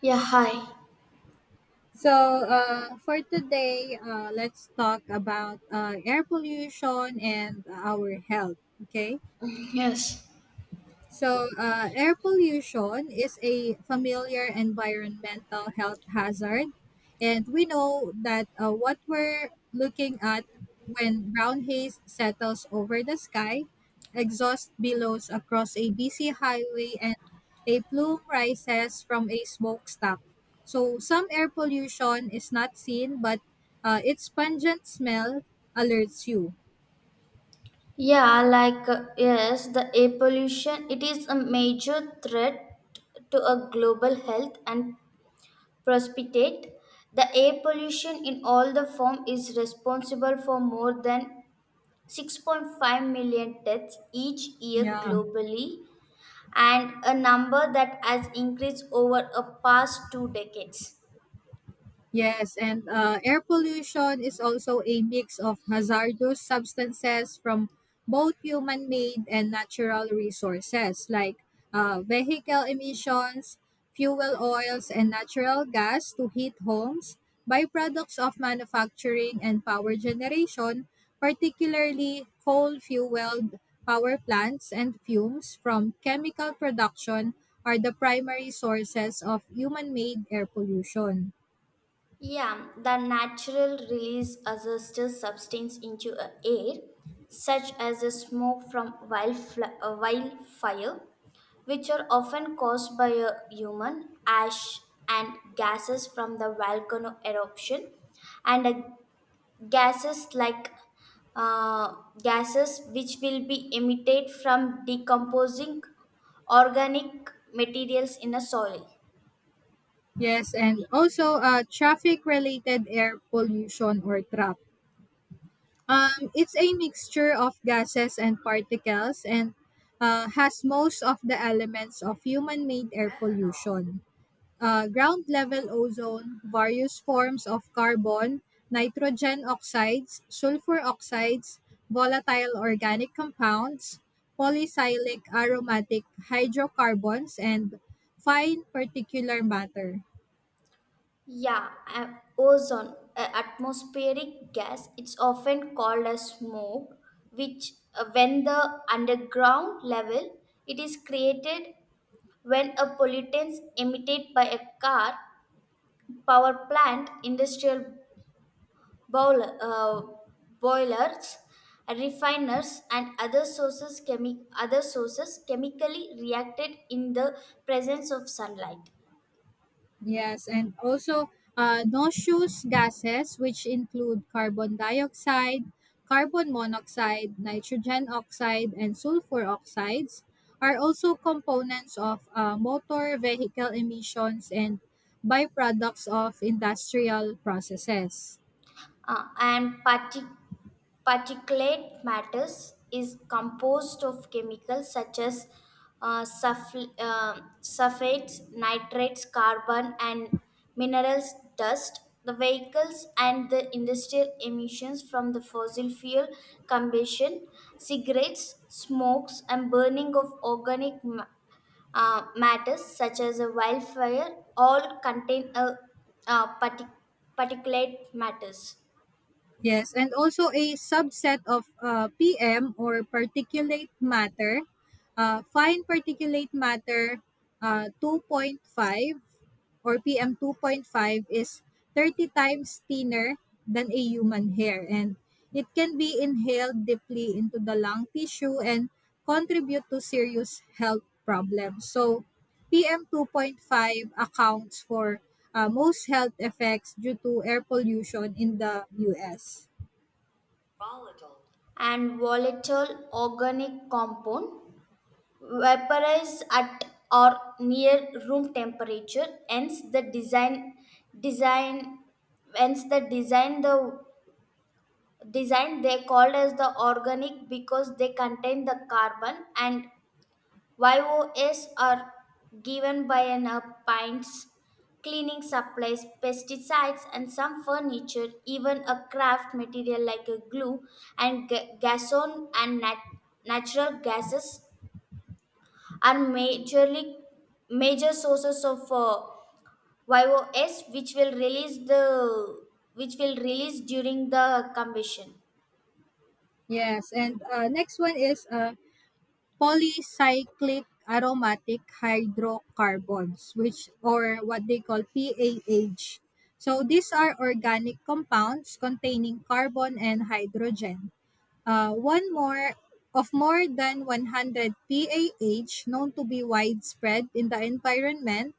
Yeah, hi. So, for today, let's talk about air pollution and our health. Okay. Yes. So, air pollution is a familiar environmental health hazard. And we know that what we're looking at when brown haze settles over the sky, exhaust billows across a busy highway, and a plume rises from a smokestack. So, some air pollution is not seen, but its pungent smell alerts you. Yes, the air pollution, it is a major threat to a global health and prosperity. The air pollution in all the form is responsible for more than 6.5 million deaths each year Yeah. globally and a number that has increased over a past two decades. Yes, and air pollution is also a mix of hazardous substances from both human made and natural resources like vehicle emissions, fuel oils, and natural gas to heat homes, byproducts of manufacturing and power generation, particularly coal fueled power plants and fumes from chemical production, are the primary sources of human made air pollution. Yeah, the natural release azester substance into a air, such as the smoke from wildfire, which are often caused by a human ash and gases from the volcano eruption, and gases like uh, gases which will be emitted from decomposing organic materials in a soil. Yes, and also traffic related air pollution or trap. It's a mixture of gases and particles and has most of the elements of human made air pollution. Ground level ozone, various forms of carbon, nitrogen oxides, sulfur oxides, volatile organic compounds, polycyclic aromatic hydrocarbons, and fine particular matter. Yeah, Ozone, a atmospheric gas, it's often called as smoke, which when the underground level, it is created when a pollutants emitted by a car, power plant, industrial boiler, uh, boilers, refiners, and other sources chemically reacted in the presence of sunlight. Yes, and also noxious gases, which include carbon dioxide, carbon monoxide, nitrogen oxide, and sulfur oxides, are also components of motor vehicle emissions and byproducts of industrial processes. Uh, and partic- Particulate matters is composed of chemicals such as sulfates, nitrates, carbon, and minerals, dust. The vehicles and the industrial emissions from the fossil fuel combustion, cigarettes, smokes, and burning of organic matters such as a wildfire all contain uh, partic- particulate matters. Yes, and also a subset of PM or particulate matter, fine particulate matter 2.5 or PM five is 30 times thinner than a human hair and it can be inhaled deeply into the lung tissue and contribute to serious health problems. So, PM five accounts for most health effects due to air pollution in the US. And volatile organic compound vaporize at or near room temperature hence design the design they called as the organic because they contain the carbon and YOS are given by an appliance, cleaning supplies, pesticides, and some furniture, even a craft material like a glue and gasoline and natural gases are major sources of YOS, which will release during the combustion. Yes, and next one is polycyclic aromatic hydrocarbons which or what they call PAH. So these are organic compounds containing carbon and hydrogen. One more of more than 100 PAH known to be widespread in the environment,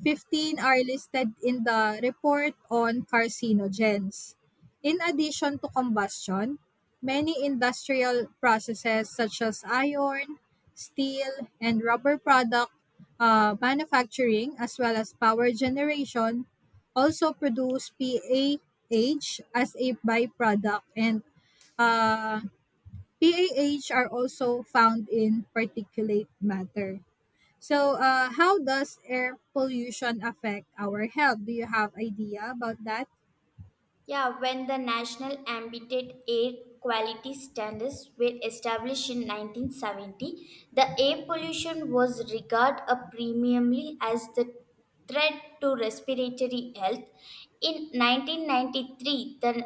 15 are listed in the Report on Carcinogens. In addition to combustion, many industrial processes such as iron, steel, and rubber product manufacturing, as well as power generation, also produce PAH as a byproduct. And uh, PAH are also found in particulate matter. So, how does air pollution affect our health? Do you have idea about that? Yeah, when the National Ambient Air Quality Standards were established in 1970, the air pollution was regarded a premiumly as the threat to respiratory health. In 1993, the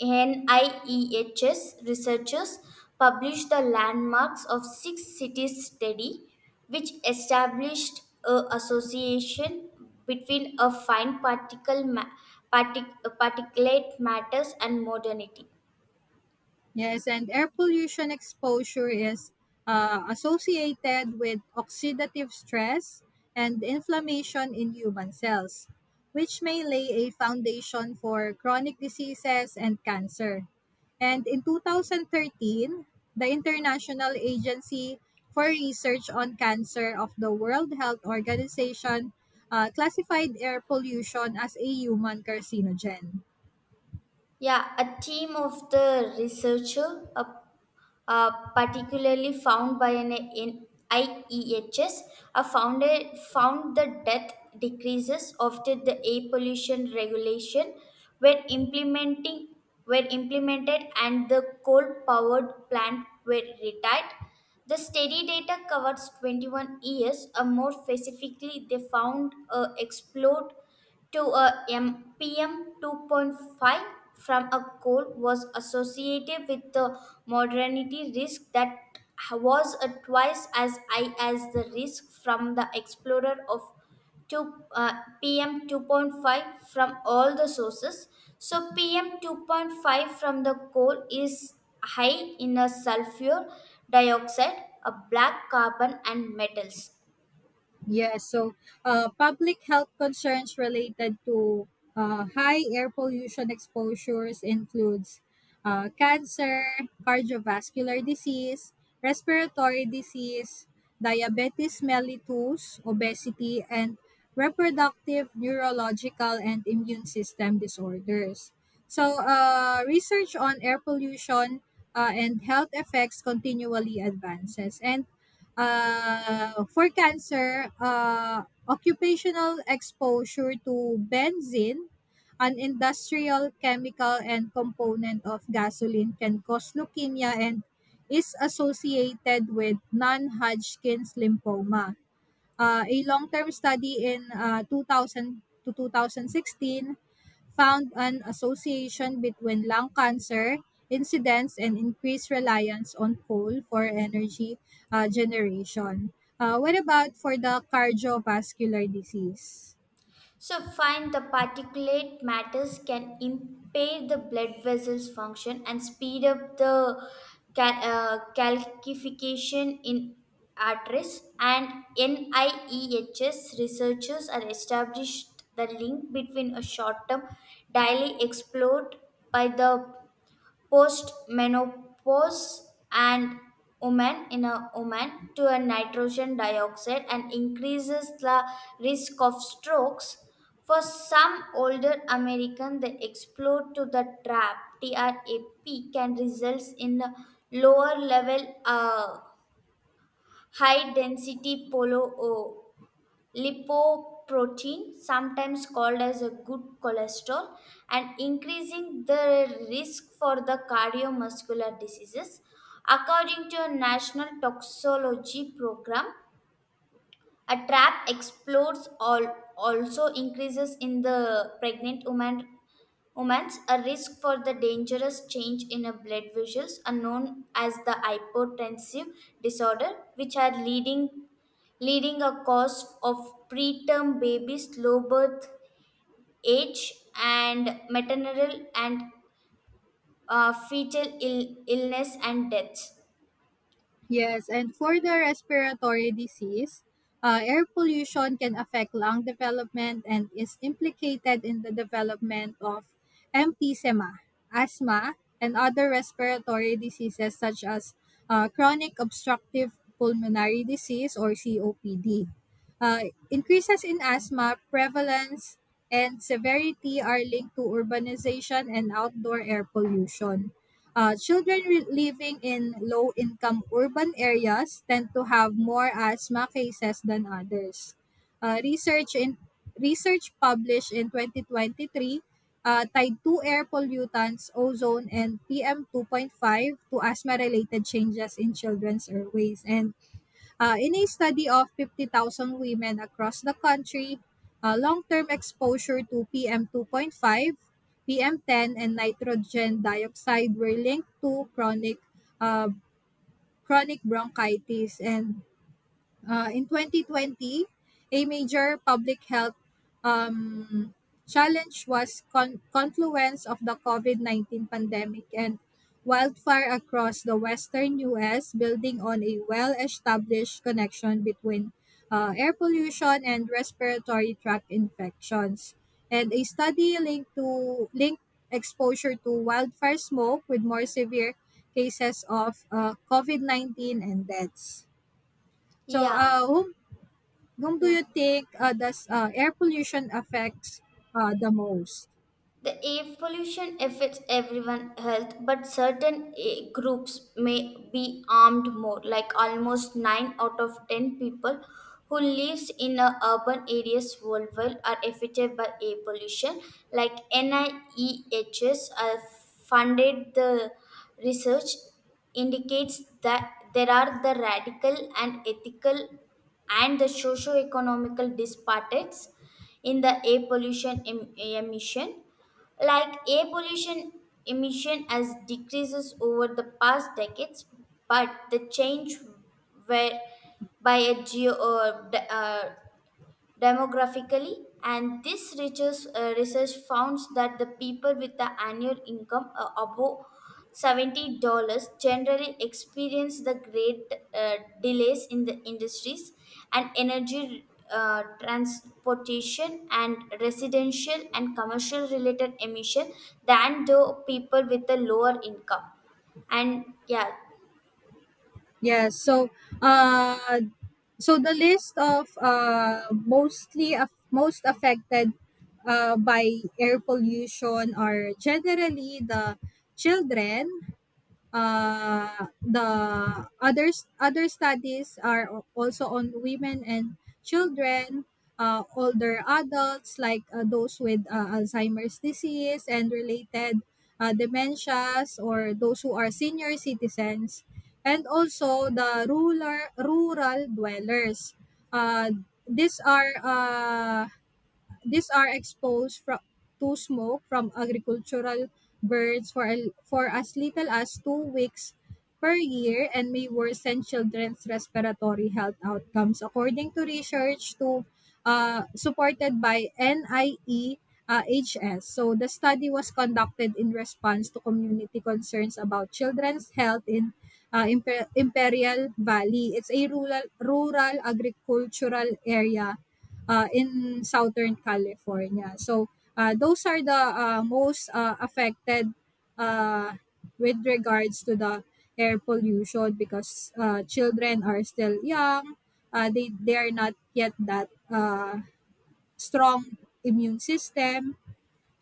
NIEHS researchers published the landmarks of six cities study which established a association between a fine particulate matters and modernity. Yes, and air pollution exposure is associated with oxidative stress and inflammation in human cells, which may lay a foundation for chronic diseases and cancer. And in 2013, the International Agency for Research on Cancer of the World Health Organization classified air pollution as a human carcinogen. Yeah, a team of the researcher, a particularly found by an in IEHS, are found the death decreases after the air pollution regulation were implementing were implemented and the coal powered plant were retired. The study data covers 21 years, or more specifically, they found a explode to a mpm 2.5 from a coal was associated with the modernity risk that was twice as high as the risk from the explorer of 2 pm 2.5 from all the sources, so pm 2.5 from the coal is high in a sulfur dioxide, a black carbon and metals. Yeah, so public health concerns related to high air pollution exposures includes cancer, cardiovascular disease, respiratory disease, diabetes mellitus, obesity, and reproductive neurological and immune system disorders. So, research on air pollution and health effects continually advances, and for cancer, occupational exposure to benzene, an industrial chemical and component of gasoline, can cause leukemia and is associated with non-Hodgkin's lymphoma. A long-term study in 2000 to 2016 found an association between lung cancer incidence and increased reliance on coal for energy generation. What about for the cardiovascular disease? So, find the particulate matters can impair the blood vessels function and speed up the calcification in arteries. And NIEHS researchers are established the link between a short-term daily explored by the postmenopause and women in a woman to a nitrogen dioxide and increases the risk of strokes for some older american, the explore to the trap can results in a lower level high density polo lipoprotein, sometimes called as a good cholesterol, and increasing the risk for the cardiovascular diseases. According to a national toxicology program, a trap explodes all also increases in the pregnant woman humans, a risk for the dangerous change in a blood vessels are known as the hypotensive disorder, which are leading a cause of preterm babies, low birth age, and maternal and fetal illness and death. Yes, and for the respiratory disease, air pollution can affect lung development and is implicated in the development of emphysema, asthma, and other respiratory diseases such as chronic obstructive pulmonary disease or COPD. Increases in asthma prevalence and severity are linked to urbanization and outdoor air pollution. Children living in low income urban areas tend to have more asthma cases than others. Uh, research in research published in 2023 tied two air pollutants, ozone and PM2.5, to asthma related changes in children's airways. And in a study of 50,000 women across the country, long term exposure to PM 2.5, PM 10 and nitrogen dioxide were linked to uh, chronic bronchitis, and in 2020, a major public health um, challenge was confluence of the COVID-19 pandemic and wildfire across the western U.S., building on a well-established connection between air pollution and respiratory tract infections. And a study linked exposure to wildfire smoke with more severe cases of COVID-19 and deaths. So, Yeah. Whom do Yeah. you think does air pollution affects the most? The air pollution affects everyone's health, but certain eh, groups may be harmed more. Like almost 9 out of 10 people who lives in a urban areas worldwide are affected by air pollution. Like NIEHS funded the research indicates that there are the radical and ethical and the socio-economical disparities in the air pollution emission, like air pollution emission has decreases over the past decades, but the change where by a demographically, and this research, founds that the people with the annual income above $70 generally experience the great delays in the industries and energy, transportation and residential and commercial related emission than the people with a lower income. And yeah. Yes, uh, so the list of most affected by air pollution are generally the children. The others other studies are also on women and children, older adults like those with Alzheimer's disease and related dementias, or those who are senior citizens, and also the rural dwellers. Uh, these are uh, these are exposed to smoke from agricultural birds for as little as 2 weeks per year and may worsen children's respiratory health outcomes. According to research to, supported by NIE HS. So the study was conducted in response to community concerns about children's health in Imperial Valley. It's a rural agricultural area in Southern California. So those are the most affected uh, with regards to the air pollution because children are still young. They are not yet that strong immune system.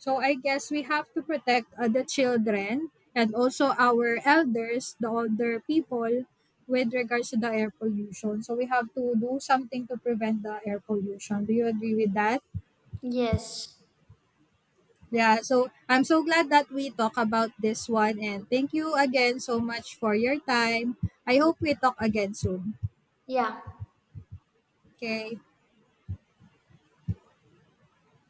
So I guess we have to protect the children and also our elders, the older people, with regards to the air pollution. So we have to do something to prevent the air pollution. Do you agree with that? Yes. Yeah, so I'm so glad that we talk about this one and thank you again so much for your time. I hope we talk again soon. Yeah. Okay.